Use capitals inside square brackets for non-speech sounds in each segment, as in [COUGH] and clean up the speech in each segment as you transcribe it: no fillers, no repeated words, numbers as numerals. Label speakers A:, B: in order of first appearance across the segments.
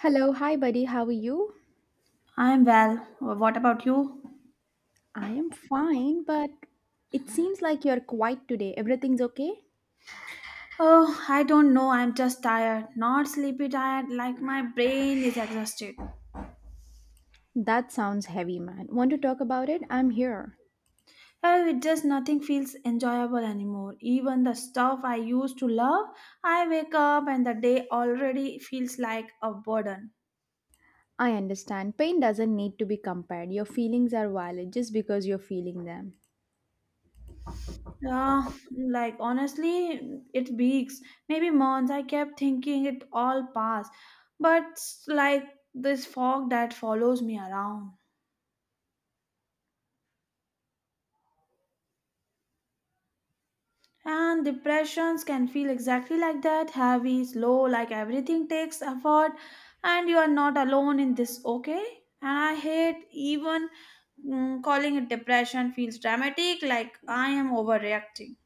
A: Hello, hi buddy, how are you?
B: I'm well. What about you?
A: I am fine, but it seems like you're quiet today. Everything's okay?
B: Oh, I don't know. I'm just tired. Not sleepy tired, like my brain is exhausted.
A: That sounds heavy, man. Want to talk about it? I'm here.
B: Well, it just nothing feels enjoyable anymore. Even the stuff I used to love, I wake up and the day already feels like a burden.
A: I understand. Pain doesn't need to be compared. Your feelings are valid just because you're feeling them.
B: Yeah, like honestly, it weeks, maybe months. I kept thinking it all passed, but like this fog that follows me around. And depressions can feel exactly like that heavy, slow, like everything takes effort, and you are not alone in this, okay? And I hate even calling it depression feels dramatic, like I am overreacting.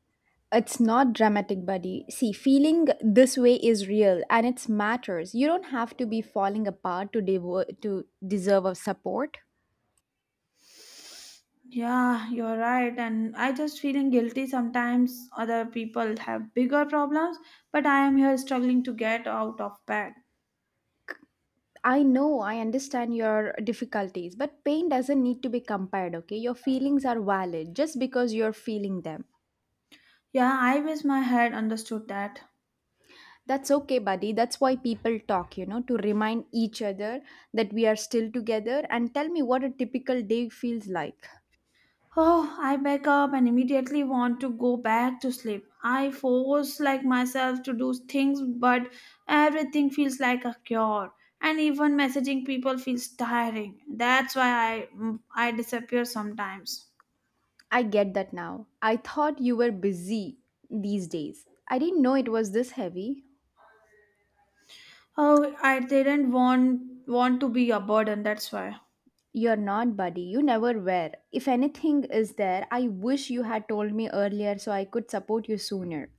A: It's not dramatic, buddy. See, feeling this way is real and it matters. You don't have to be falling apart to to deserve a support.
B: Yeah, you're right, and I just feeling guilty sometimes. Other people have bigger problems, but I am here struggling to get out of bed.
A: I know, I understand your difficulties, but pain doesn't need to be compared, okay? Your feelings are valid just because you're feeling them.
B: Yeah, I wish my head understood that.
A: That's okay, buddy. That's why people talk, you know, to remind each other that we are still together and tell me what a typical day feels like.
B: Oh, I wake up and immediately want to go back to sleep. I force like myself to do things, but everything feels like a cure, and even messaging people feels tiring. That's why I disappear sometimes.
A: I get that now. I thought you were busy these days. I didn't know it was this heavy.
B: Oh, I didn't want to be a burden. That's why.
A: You're not, buddy. You never were. If anything is there, I wish you had told me earlier so I could support you sooner.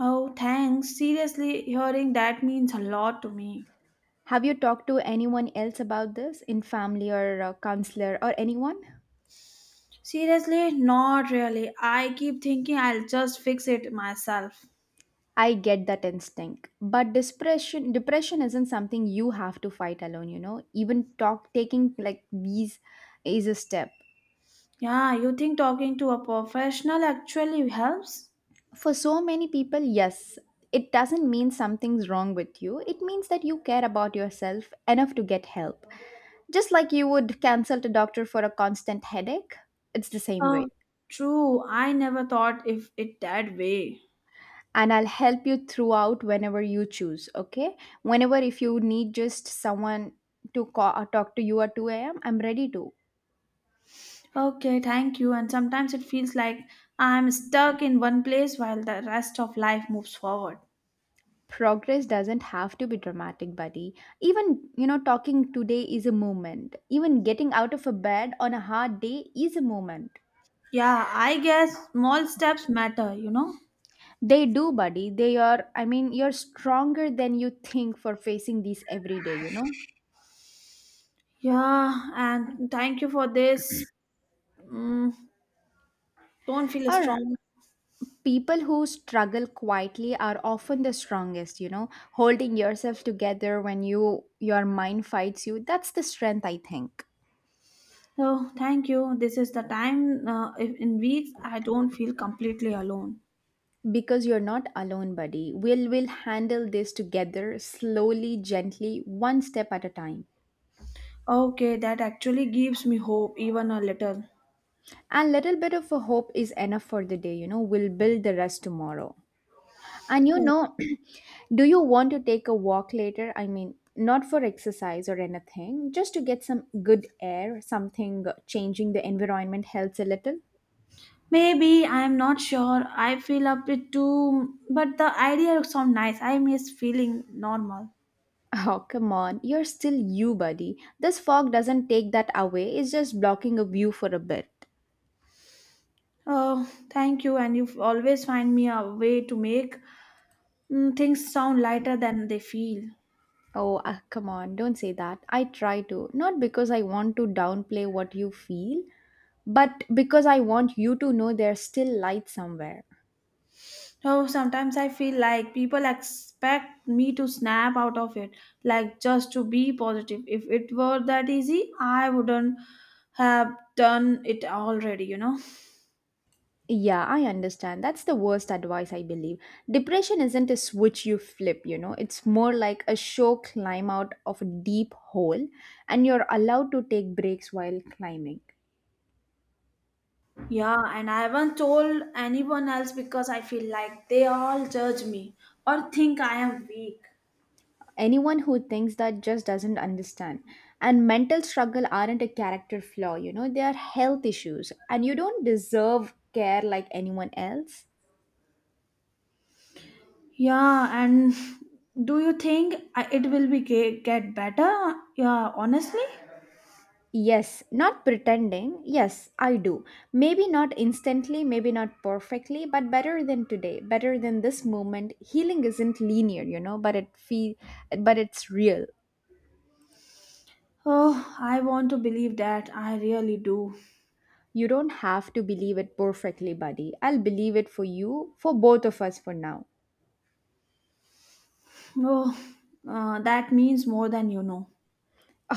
B: Oh, thanks. Seriously, hearing that means a lot to me.
A: Have you talked to anyone else about this in family or counselor or anyone?
B: Seriously, not really. I keep thinking I'll just fix it myself.
A: I get that instinct, but depression isn't something you have to fight alone, you know. Even talk taking like these is a step.
B: Yeah, you think talking to a professional actually helps?
A: For so many people, yes, it doesn't mean something's wrong with you. It means that you care about yourself enough to get help. Just like you would consult a doctor for a constant headache, it's the same
B: Oh,
A: way.
B: true. I never thought if it that way.
A: And I'll help you throughout whenever you choose. Okay, whenever if you need just someone to call, or talk to you at 2 a.m., I'm ready to.
B: Okay, thank you. And sometimes it feels like I'm stuck in one place while the rest of life moves forward.
A: Progress doesn't have to be dramatic, buddy. Even you know, talking today is a moment. Even getting out of a bed on a hard day is a moment.
B: Yeah, I guess small steps matter, you know?
A: They do, buddy. They are, I mean, you're stronger than you think for facing these every day, you know?
B: Yeah, and thank you for this. Mm, don't feel
A: All
B: strong.
A: people who struggle quietly are often the strongest, you know, holding yourself together when your mind fights you. That's the strength, I think.
B: Oh, thank you. This is the time if in weeks I don't feel completely alone.
A: Because you're not alone, buddy. We will handle this together, slowly, gently, one step at a time.
B: Okay, that actually gives me hope, even a little.
A: And little bit of a hope is enough for the day, you know. We'll build the rest tomorrow. And you know, [CLEARS THROAT] do you want to take a walk later? I mean, not for exercise or anything, just to get some good air, something changing the environment helps a little. [LAUGHS]
B: Maybe I'm not sure. I feel a bit too, but the idea sounds nice. I miss feeling normal.
A: Oh, come on, you're still you, buddy. This fog doesn't take that away, it's just blocking a view for a bit.
B: Oh, thank you, and you always find me a way to make things sound lighter than they feel.
A: Oh, ah, come on, don't say that. I try to, not because I want to downplay what you feel, but because I want you to know there's still light somewhere.
B: Oh, sometimes I feel like people expect me to snap out of it, like just to be positive. If it were that easy, I wouldn't have done it already.
A: Yeah, I understand. That's the worst advice, I believe. Depression isn't a switch you flip, you know. It's more like a show climb out of a deep hole, and you're allowed to take breaks while climbing.
B: Yeah, and I haven't told anyone else because I feel like they all judge me or think I am weak.
A: Anyone who thinks that just doesn't understand. And mental struggle aren't a character flaw, you know, they are health issues, and you don't deserve care like anyone else.
B: Yeah, and do you think it will be get better? Yeah, honestly?
A: Yes, not pretending. Yes, I do. Maybe not instantly, maybe not perfectly, but better than today, better than this moment. Healing isn't linear, you know, but it feel but it's real.
B: Oh, I want to believe that. I really do.
A: You don't have to believe it perfectly, buddy. I'll believe it for you, for both of us for now.
B: Oh, that means more than you know.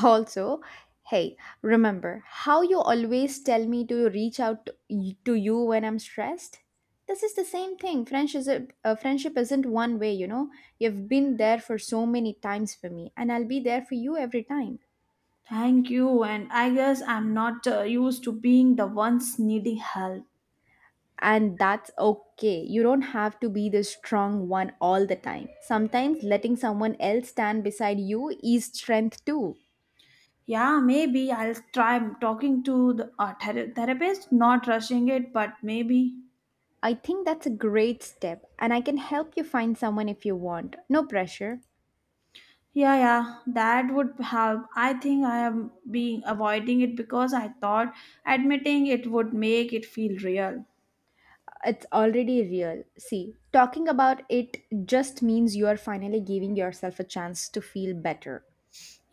A: Also, hey, remember how you always tell me to reach out to to you when I'm stressed? This is the same thing. Friendship isn't one way, you know. You've been there for so many times for me, and I'll be there for you every time.
B: Thank you, and I guess I'm not used to being the ones needing help.
A: And that's okay. You don't have to be the strong one all the time. Sometimes letting someone else stand beside you is strength too.
B: Yeah, maybe I'll try talking to the therapist, not rushing it, but maybe.
A: I think that's a great step, and I can help you find someone if you want. No pressure.
B: Yeah, yeah, that would help. I think I am being avoiding it because I thought admitting it would make it feel real.
A: It's already real. See, talking about it just means you are finally giving yourself a chance to feel better.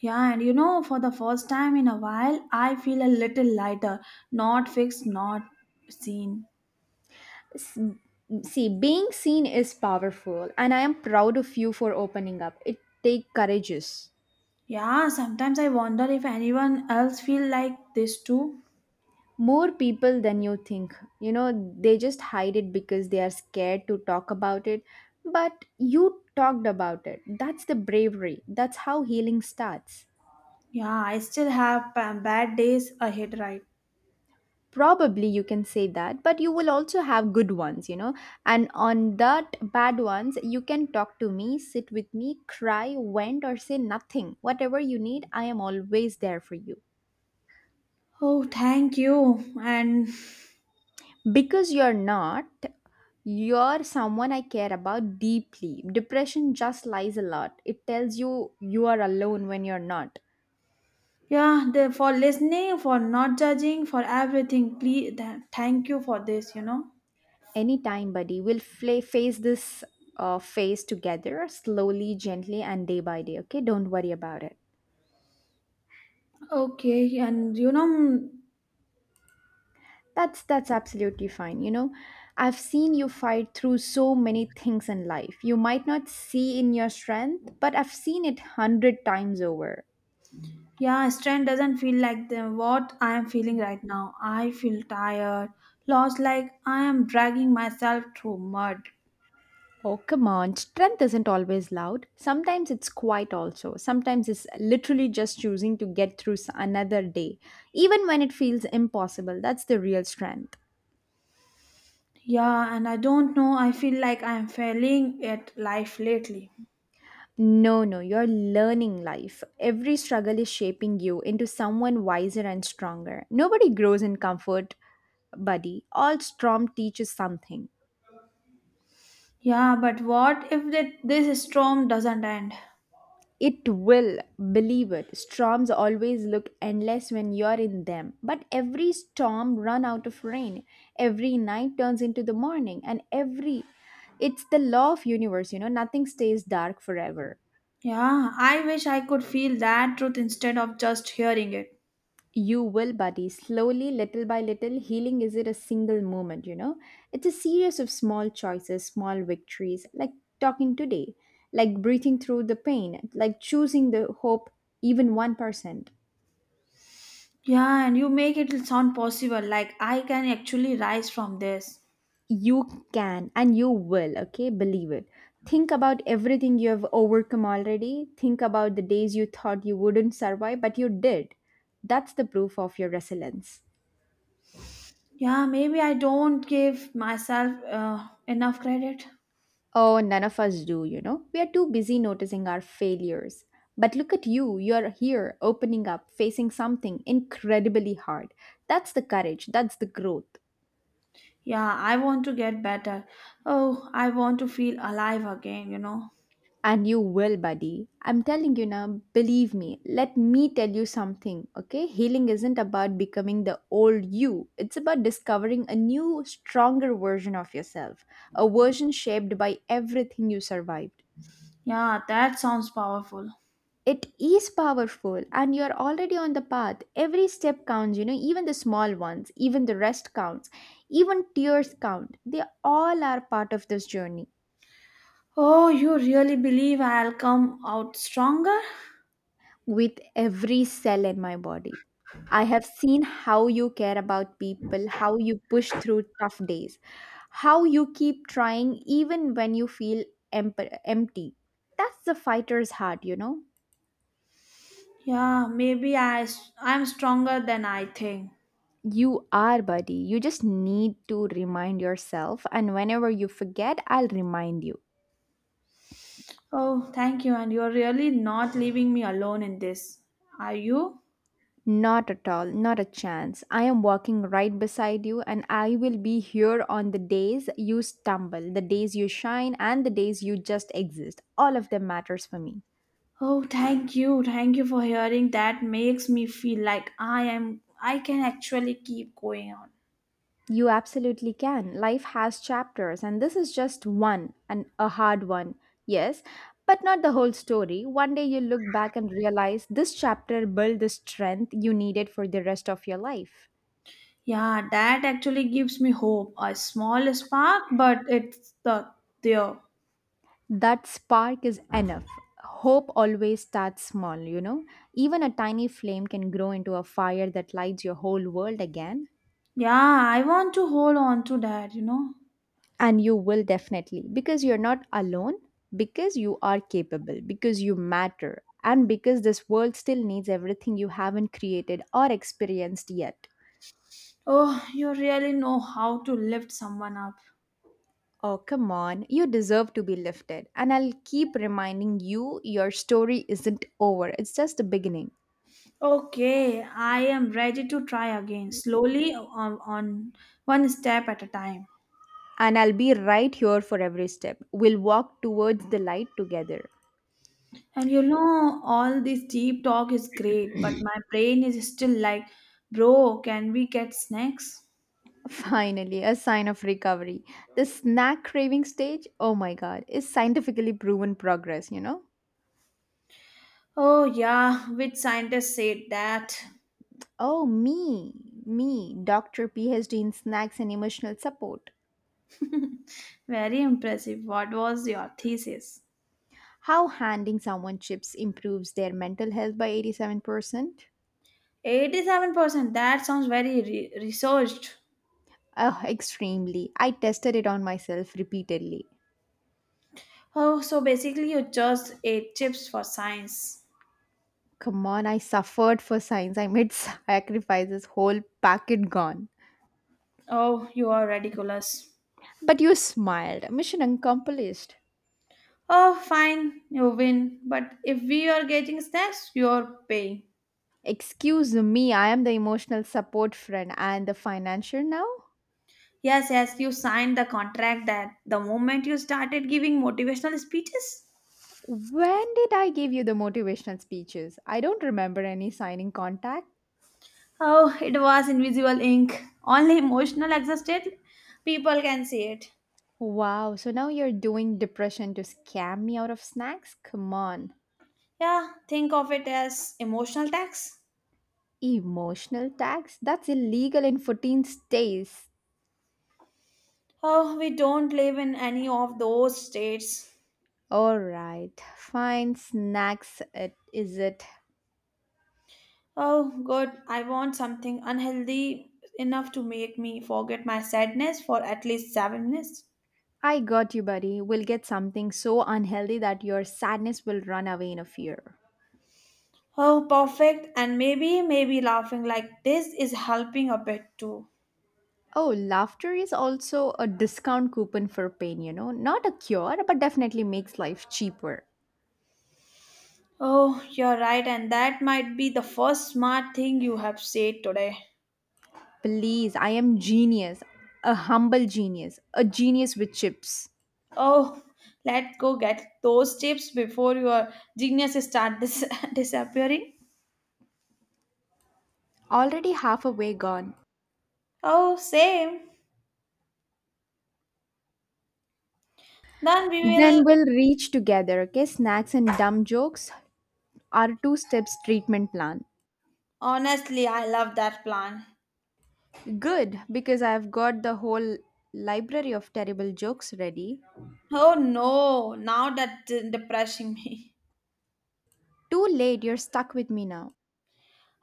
B: Yeah, and for the first time in a while, I feel a little lighter, not fixed, not seen.
A: S- See, being seen is powerful, and I am proud of you for opening up. It takes courageous.
B: Yeah, sometimes I wonder if anyone else feel like this too.
A: More people than you think. You know, they just hide it because they are scared to talk about it. But you talked about it. That's the bravery. That's how healing starts.
B: Yeah, I still have bad days ahead, right?
A: Probably you can say that, but you will also have good ones, you know. And on that bad ones you can talk to me, sit with me, cry, vent, or say nothing, whatever you need. I am always there for you,
B: Oh, thank you. And
A: because you're not you're someone I care about deeply. Depression just lies a lot. It tells you you are alone when you're not.
B: yeah, for listening, for not judging, for everything. Please, thank you for this.
A: Anytime, buddy. We'll fla Face this, phase together, slowly, gently, and day by day, okay? Don't worry about it.
B: Okay, and
A: That's absolutely fine. You know, I've seen you fight through so many things in life. You might not see in your strength, but I've seen it hundred times over.
B: yeah, strength doesn't feel like what I am feeling right now. I feel tired, lost, like I am dragging myself through mud.
A: Oh come on, strength isn't always loud. Sometimes it's quiet also. Sometimes it's literally just choosing to get through another day, even when it feels impossible. That's the real strength.
B: Yeah, and I don't know, I feel like I am failing at life lately.
A: No, no, you're learning life. Every struggle is shaping you into someone wiser and stronger. Nobody grows in comfort, buddy. All storm teaches something.
B: Yeah, but what if that this storm doesn't end?
A: It will, believe it. Storms always look endless when you're in them. But every storm run out of rain. Every night turns into the morning. And every it's the law of universe, you know, nothing stays dark forever.
B: Yeah, I wish I could feel that truth instead of just hearing it.
A: You will, buddy. Slowly, little by little, healing isn't a single moment, you know? It's a series of small choices, small victories, like talking today, like breathing through the pain, like choosing the hope, even 1%.
B: Yeah, and you make it sound possible, like I can actually rise from this.
A: You can and you will, okay? Believe it. Think about everything you have overcome already. Think about the days you thought you wouldn't survive, but you did. That's the proof of your resilience.
B: Yeah, maybe I don't give myself enough credit.
A: Oh, none of us do, you know. We are too busy noticing our failures. But look at you, you're here, opening up, facing something incredibly hard. That's the courage, that's the growth.
B: Yeah, I want to get better. Oh, I want to feel alive again.
A: And you will, buddy. I'm telling you now, believe me. Let me tell you something, okay? Healing isn't about becoming the old you, it's about discovering a new, stronger version of yourself, a version shaped by everything you survived.
B: Yeah, that sounds powerful.
A: It is powerful, and you're already on the path. Every step counts, you know, even the small ones, even the rest counts, even tears count. They all are part of this journey.
B: Oh, you really believe I'll come out stronger?
A: With every cell in my body, I have seen how you care about people, how you push through tough days, how you keep trying even when you feel empty. That's the fighter's heart, you know.
B: Yeah, maybe I'm stronger than I think.
A: You are, buddy. You just need to remind yourself, and whenever you forget, I'll remind you.
B: Oh, thank you. And you're really not leaving me alone in this, are you?
A: Not at all, not a chance. I am walking right beside you, and I will be here on the days you stumble, the days you shine, and the days you just exist. All of them matters for me.
B: Oh, thank you. Thank you for hearing. That makes me feel like I can actually keep going on.
A: You absolutely can. Life has chapters, and this is just one, and a hard one. Yes, but not the whole story. One day you look back and realize this chapter built the strength you needed for the rest of your life.
B: Yeah, that actually gives me hope. A small spark, but it's there.
A: That spark is enough. Hope always starts small, you know. Even a tiny flame can grow into a fire that lights your whole world again.
B: Yeah, I want to hold on to that.
A: And you will definitely, because you're not alone, because you are capable, because you matter, and because this world still needs everything you haven't created or experienced yet.
B: Oh, you really know how to lift someone up.
A: Oh come on, you deserve to be lifted, and I'll keep reminding you your story isn't over, it's just the beginning.
B: Okay, I am ready to try again, slowly on one step at a time.
A: And I'll be right here for every step. We'll walk towards the light together.
B: And all this deep talk is great, but my brain is still like, bro, can we get snacks?
A: Finally, a sign of recovery. The snack craving stage, oh my god, is scientifically proven progress, you know?
B: Oh, yeah, which scientist said that?
A: Oh, me, me, doctor, PhD in snacks and emotional support.
B: [LAUGHS] very impressive. What was your thesis?
A: How handing someone chips improves their mental health by 87%?
B: 87%. That sounds very researched.
A: Oh, [LAUGHS] extremely. I tested it on myself repeatedly.
B: Oh, so basically, you just ate chips for science.
A: Come on, I suffered for science. I made [LAUGHS] sacrifices, whole packet gone.
B: Oh, you are ridiculous.
A: But you smiled. Mission accomplished.
B: Oh, fine, you win. But if we are getting snacks, you are paying.
A: Excuse me, I am the emotional support friend and the financier now?
B: Yes, yes, you signed the contract that the moment you started giving motivational speeches.
A: When did I give you the motivational speeches? I don't remember any signing contact.
B: Oh, it was invisible ink. Only emotional exhausted people can see it.
A: Wow, so now you're doing depression to scam me out of snacks? Come on.
B: Yeah, think of it as emotional tax.
A: Emotional tax? That's illegal in 14 states.
B: Oh, we don't live in any of those states.
A: Alright, fine, snacks it is it.
B: Oh, good. I want something unhealthy enough to make me forget my sadness for at least 7 minutes.
A: I got you, buddy. We'll get something so unhealthy that your sadness will run away in a fear.
B: Oh, perfect. And maybe laughing like this is helping a bit too.
A: Oh, laughter is also a discount coupon for pain, you know. Not a cure, but definitely makes life cheaper.
B: Oh, you're right, and that might be the first smart thing you have said today.
A: Please, I am genius. A humble genius. A genius with chips.
B: Oh, let's go get those chips before your genius start [LAUGHS] disappearing.
A: Already half away gone.
B: Oh, same. Then we
A: Then
B: will.
A: we'll reach together, okay? Snacks and dumb jokes are two steps treatment plan.
B: Honestly, I love that plan.
A: Good, because I've got the whole library of terrible jokes ready.
B: Oh no, now that's depressing me. [LAUGHS]
A: Too late, you're stuck with me now.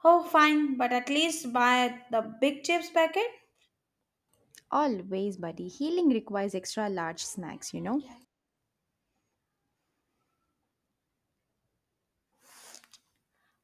B: Oh, fine, but at least buy the big chips packet.
A: Always, buddy. Healing requires extra large snacks, you know?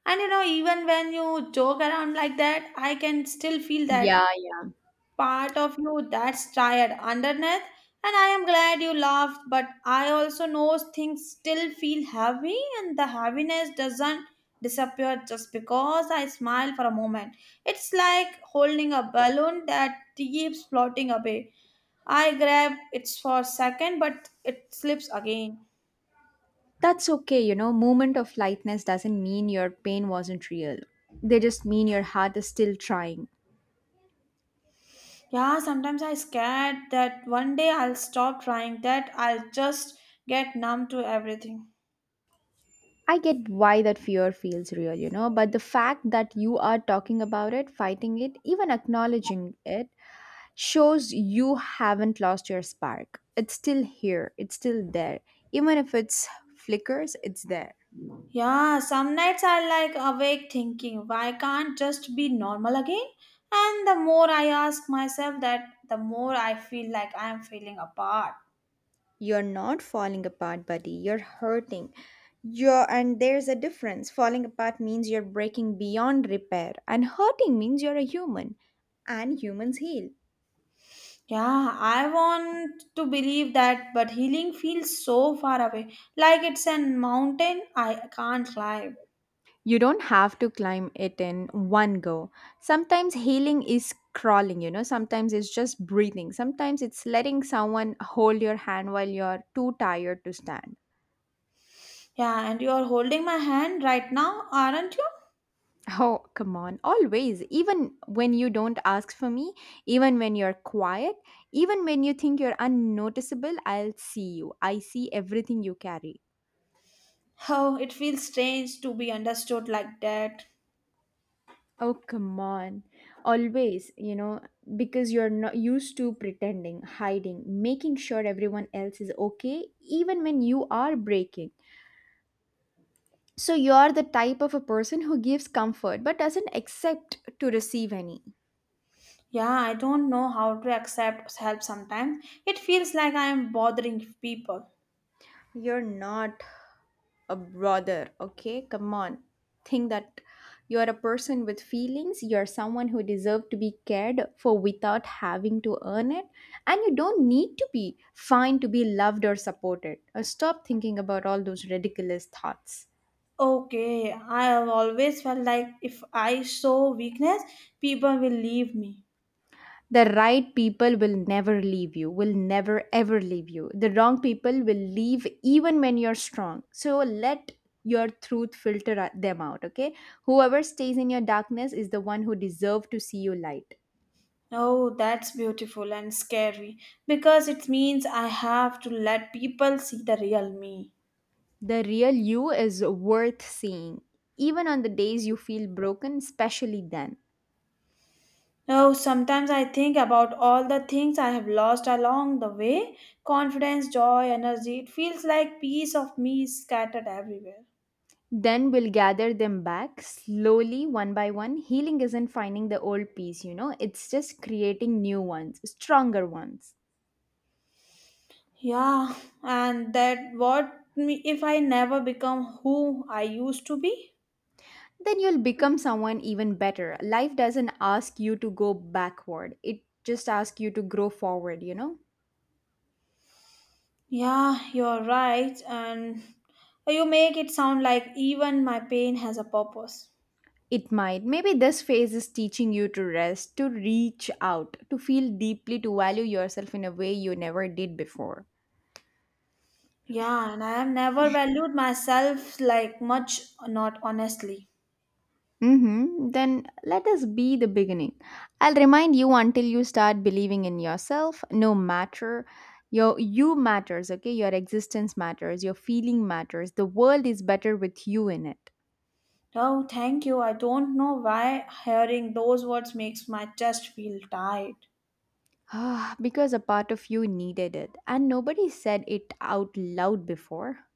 B: And even when you joke around like that, I can still feel that
A: Yeah, yeah.
B: part of you that's tired underneath, and I am glad you laughed, but I also know things still feel heavy, and the heaviness doesn't disappear just because I smile for a moment. It's like holding a balloon that keeps floating away. I grab it for a second, but it slips again.
A: That's okay, you know, moment of lightness doesn't mean your pain wasn't real. They just mean your heart is still trying.
B: Yeah, sometimes I scared that one day I'll stop trying, that I'll just get numb to everything.
A: I get why that fear feels real, you know, but the fact that you are talking about it, fighting it, even acknowledging it shows you haven't lost your spark. It's still here, it's still there. Even if it's flickers, it's there.
B: Yeah, some nights I like awake thinking, why can't just be normal again? And the more I ask myself that, the more I feel like I am feeling apart.
A: You're not falling apart, buddy. You're hurting. You're, and there's a difference. Falling apart means you're breaking beyond repair, and hurting means you're a human, and humans heal.
B: Yeah, I want to believe that, but healing feels so far away, like it's a mountain I can't climb.
A: You don't have to climb it in one go. Sometimes healing is crawling, you know, sometimes it's just breathing, sometimes it's letting someone hold your hand while you're too tired to stand.
B: Yeah, and you're holding my hand right now, aren't you?
A: Oh, come on. Always. Even when you don't ask for me, even when you're quiet, even when you think you're unnoticeable, I'll see you. I see everything you carry.
B: Oh, it feels strange to be understood like that.
A: Oh, come on. Always, you know, because you're not used to pretending, hiding, making sure everyone else is okay, even when you are breaking. So you're the type of a person who gives comfort but doesn't accept to receive any.
B: Yeah, I don't know how to accept help sometimes. It feels like I am bothering people.
A: You're not a brother, okay? Come on, think that you are a person with feelings. You are someone who deserve to be cared for without having to earn it, and you don't need to be fine to be loved or supported. Stop thinking about all those ridiculous thoughts.
B: Okay, I have always felt like if I show weakness, people will leave me.
A: The right people will never leave you, will never ever leave you. The wrong people will leave even when you're strong, so let your truth filter them out, okay? Whoever stays in your darkness is the one who deserve to see you light.
B: Oh, that's beautiful and scary because it means I have to let people see the real me.
A: The real you is worth seeing, even on the days you feel broken, especially then.
B: Oh, sometimes I think about all the things I have lost along the way confidence, joy, energy. It feels like piece of me is scattered everywhere.
A: Then we'll gather them back slowly, one by one. Healing isn't finding the old piece, you know, it's just creating new ones, stronger ones.
B: Yeah, and that what me if I never become who I used to be?
A: Then you'll become someone even better. Life doesn't ask you to go backward, it just asks you to grow forward, you know.
B: Yeah, you're right, and you make it sound like even my pain has a purpose.
A: It might. Maybe this phase is teaching you to rest, to reach out, to feel deeply, to value yourself in a way you never did before.
B: Yeah, and I have never valued myself like much, not honestly.
A: Mm-hmm. Then let us be the beginning. I'll remind you until you start believing in yourself, no matter your you matters, okay? Your existence matters, your feeling matters. The world is better with you in it.
B: Oh, thank you. I don't know why hearing those words makes my chest feel tight.
A: Ah, because a part of you needed it, and nobody said it out loud before.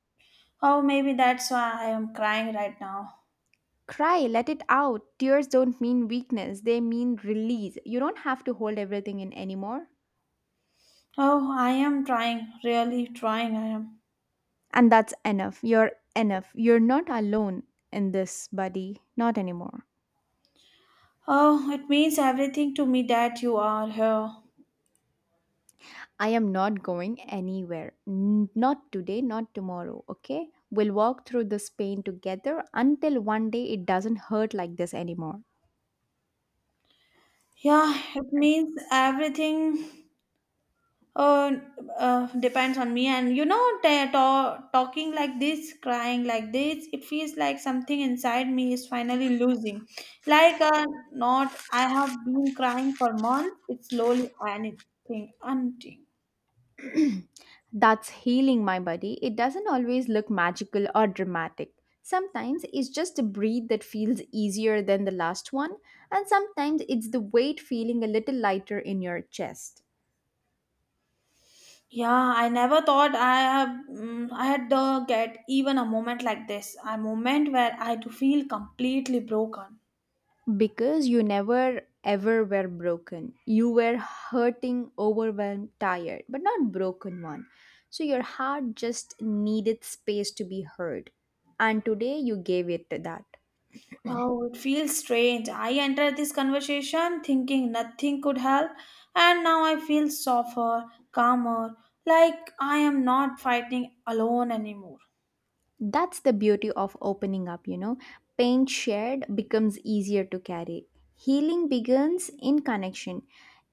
B: Oh, maybe that's why I am crying right now.
A: Cry, let it out. Tears don't mean weakness, they mean release. You don't have to hold everything in anymore.
B: Oh, I am trying, really trying, I am.
A: And that's enough. You're enough. You're not alone in this, buddy. Not anymore.
B: Oh, it means everything to me that you are here.
A: I am not going anywhere. Not today, not tomorrow, okay? We'll walk through this pain together until one day it doesn't hurt like this anymore.
B: Yeah, it means everything uh, depends on me. And talking like this, crying like this, it feels like something inside me is finally losing. Like a knot I have been crying for months, it's slowly anything, unting.
A: [CLEARS THROAT] That's healing, my buddy. It doesn't always look magical or dramatic. Sometimes it's just a breath that feels easier than the last one, and sometimes it's the weight feeling a little lighter in your chest.
B: Yeah, I never thought I had to get even a moment like this, a moment where I had to feel completely broken.
A: Because you never ever were broken. You were hurting, overwhelmed, tired, but not broken one. So your heart just needed space to be heard. And today you gave it that.
B: Oh, it feels strange. I entered this conversation thinking nothing could help, and now I feel softer, calmer, like I am not fighting alone anymore.
A: That's the beauty of opening up, you know. Pain shared becomes easier to carry. Healing begins in connection,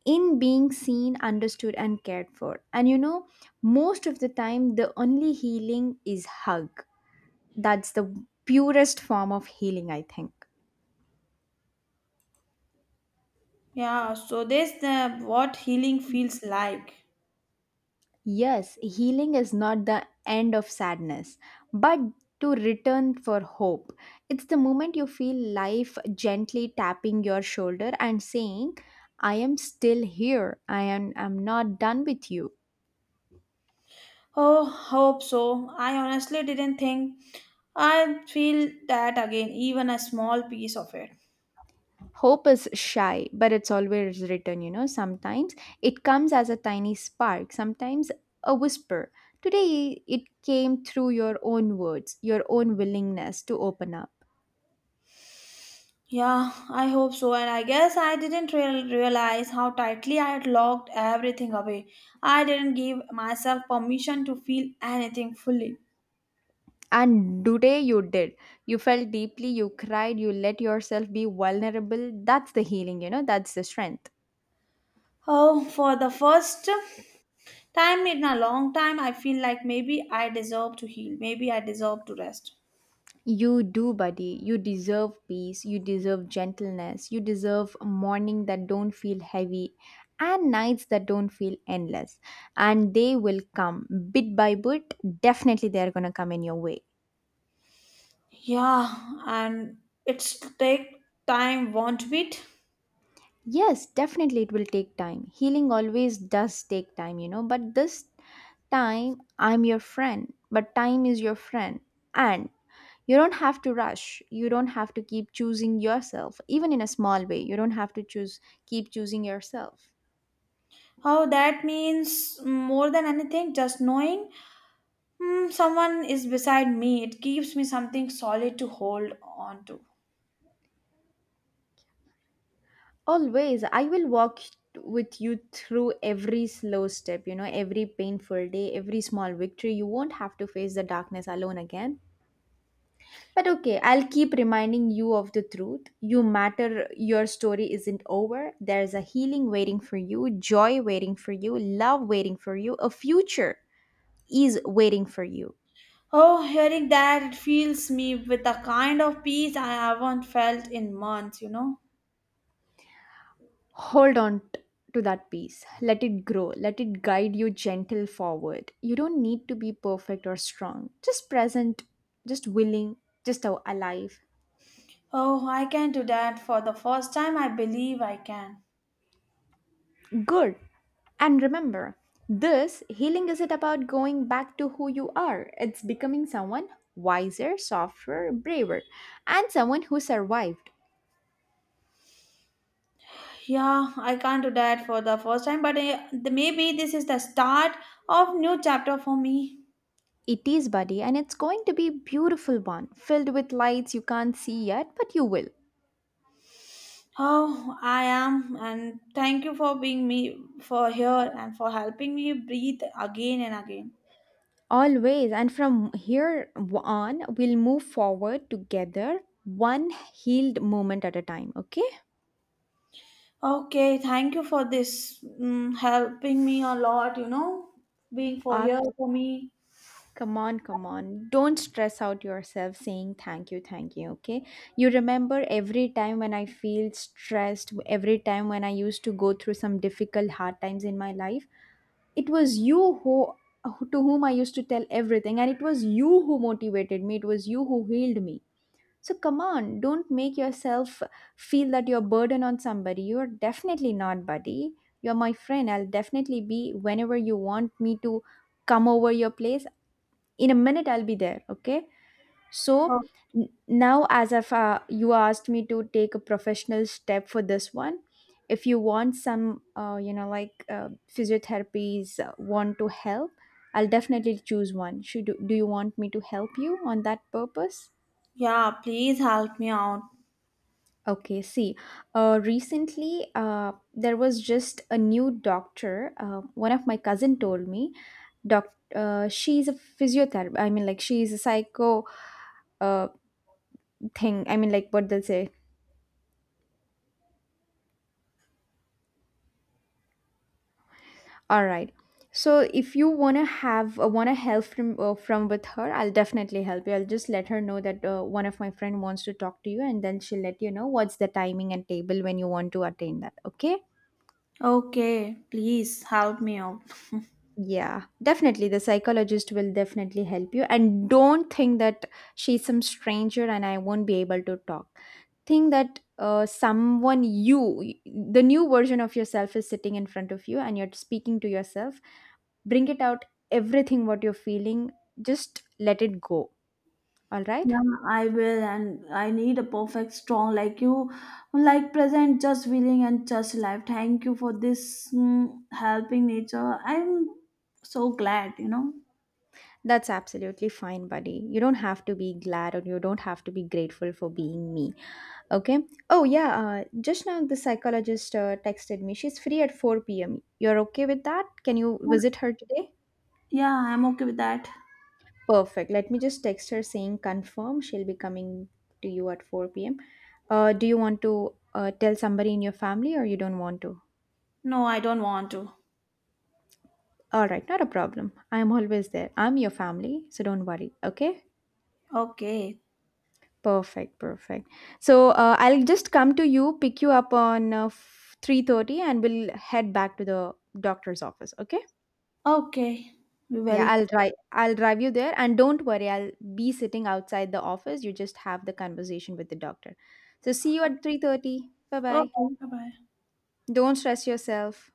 A: in being seen, understood, and cared for. And you know, most of the time, the only healing is hug. That's the purest form of healing, I think.
B: Yeah, so this the what healing feels like.
A: Yes, healing is not the end of sadness, but to return for hope. It's the moment you feel life gently tapping your shoulder and saying, I am still here. I'm not done with you.
B: Oh, hope so. I honestly didn't think I'd feel that again, even a small piece of it.
A: Hope is shy, but it's always written, you know. Sometimes it comes as a tiny spark, sometimes a whisper. Today it came through your own words, your own willingness to open up.
B: Yeah, I hope so. And I guess I didn't realize how tightly I had locked everything away. I didn't give myself permission to feel anything fully.
A: And today you did. You felt deeply, you cried, you let yourself be vulnerable. That's the healing, you know, that's the strength.
B: Oh, for the first time in a long time, I feel like maybe I deserve to heal. Maybe I deserve to rest.
A: You do, buddy. You deserve peace. You deserve gentleness. You deserve morning that don't feel heavy and nights that don't feel endless. And they will come bit by bit. Definitely, they are going to come in your way.
B: Yeah, and it's take time, won't it?
A: Yes, definitely it will take time. Healing always does take time, you know, but this time I'm your friend, but time is your friend. And you don't have to rush. You don't have to keep choosing yourself, even in a small way. You don't have to choose, keep choosing yourself.
B: Oh, that means more than anything, just knowing someone is beside me. It gives me something solid to hold on to.
A: Always, I will walk with you through every slow step, you know, every painful day, every small victory. You won't have to face the darkness alone again. But okay, I'll keep reminding you of the truth. You matter. Your story isn't over. There's a healing waiting for you, joy waiting for you, love waiting for you, a future is waiting for you.
B: Oh, hearing that, it fills me with a kind of peace I haven't felt in months.
A: Hold on to that peace. Let it grow. Let it guide you gentle forward. You don't need to be perfect or strong. Just present, just willing, just alive.
B: Oh, I can do that for the first time. I believe I can.
A: Good. And remember, this healing isn't about going back to who you are, it's becoming someone wiser, softer, braver, and someone who survived.
B: Yeah, I can't do that for the first time, but maybe this is the start of new chapter for me.
A: It is, buddy, and it's going to be a beautiful one, filled with lights you can't see yet, but you will.
B: Oh, I am, and thank you for being me for here and for helping me breathe again and again.
A: Always, and from here on, we'll move forward together, one healed moment at a time, okay?
B: Okay, thank you for this, helping me a lot. Being for here
A: Up,
B: for me.
A: come on, come on. Don't stress out yourself saying thank you, okay? You remember every time when I feel stressed, every time when I used to go through some difficult, hard times in my life, it was you who to whom I used to tell everything, and it was you who motivated me, it was you who healed me. So come on, don't make yourself feel that you're a burden on somebody. You're definitely not, buddy. You're my friend. I'll definitely be whenever you want me to come over your place in a minute. I'll be there, okay? So now, as if you asked me to take a professional step for this one, if you want some you know, like physiotherapies want to help, I'll definitely choose one. Should do you want me to help you on that purpose?
B: Yeah, please help me out.
A: Okay, see, recently uh, there was just a new doctor. One of my cousin told me. Doc, she's a physiotherapist, I mean, like, she's a psycho uh, thing, I mean, like, what they'll say. All right, so if you want to have want to help from with her, I'll definitely help you. I'll just let her know that one of my friend wants to talk to you, and then she'll let you know what's the timing and table when you want to attain that, okay?
B: Okay, please help me out.
A: Yeah, definitely the psychologist will definitely help you, and don't think that she's some stranger and I won't be able to talk. Think that someone you the new version of yourself is sitting in front of you and you're speaking to yourself. Bring it out everything what you're feeling, just let it go. All right?
B: Yeah, I will, and I need a perfect strong like you, like present, just willing, and just alive. Thank you for this helping nature. I'm so glad.
A: That's absolutely fine, buddy. You don't have to be glad or you don't have to be grateful for being me. Okay? Oh, yeah. Just now, the psychologist texted me. She's free at 4 p.m. You're okay with that? Can you
B: Yeah,
A: visit her today?
B: yeah, I'm okay with that.
A: Perfect. Let me just text her saying confirm. She'll be coming to you at 4 p.m. Do you want to tell somebody in your family, or you don't want to?
B: No, I don't want to.
A: All right, not a problem. I'm always there. I'm your family, so don't worry. Okay?
B: Okay,
A: Perfect, perfect. So I'll just come to you, pick you up on 3:30, and we'll head back to the doctor's office, okay?
B: okay, we
A: Yeah,
B: will.
A: I'll drive you there, and don't worry, I'll be sitting outside the office. You just have the conversation with the doctor. So see you at 3:30. Bye-bye.
B: Okay, bye bye.
A: Don't stress yourself.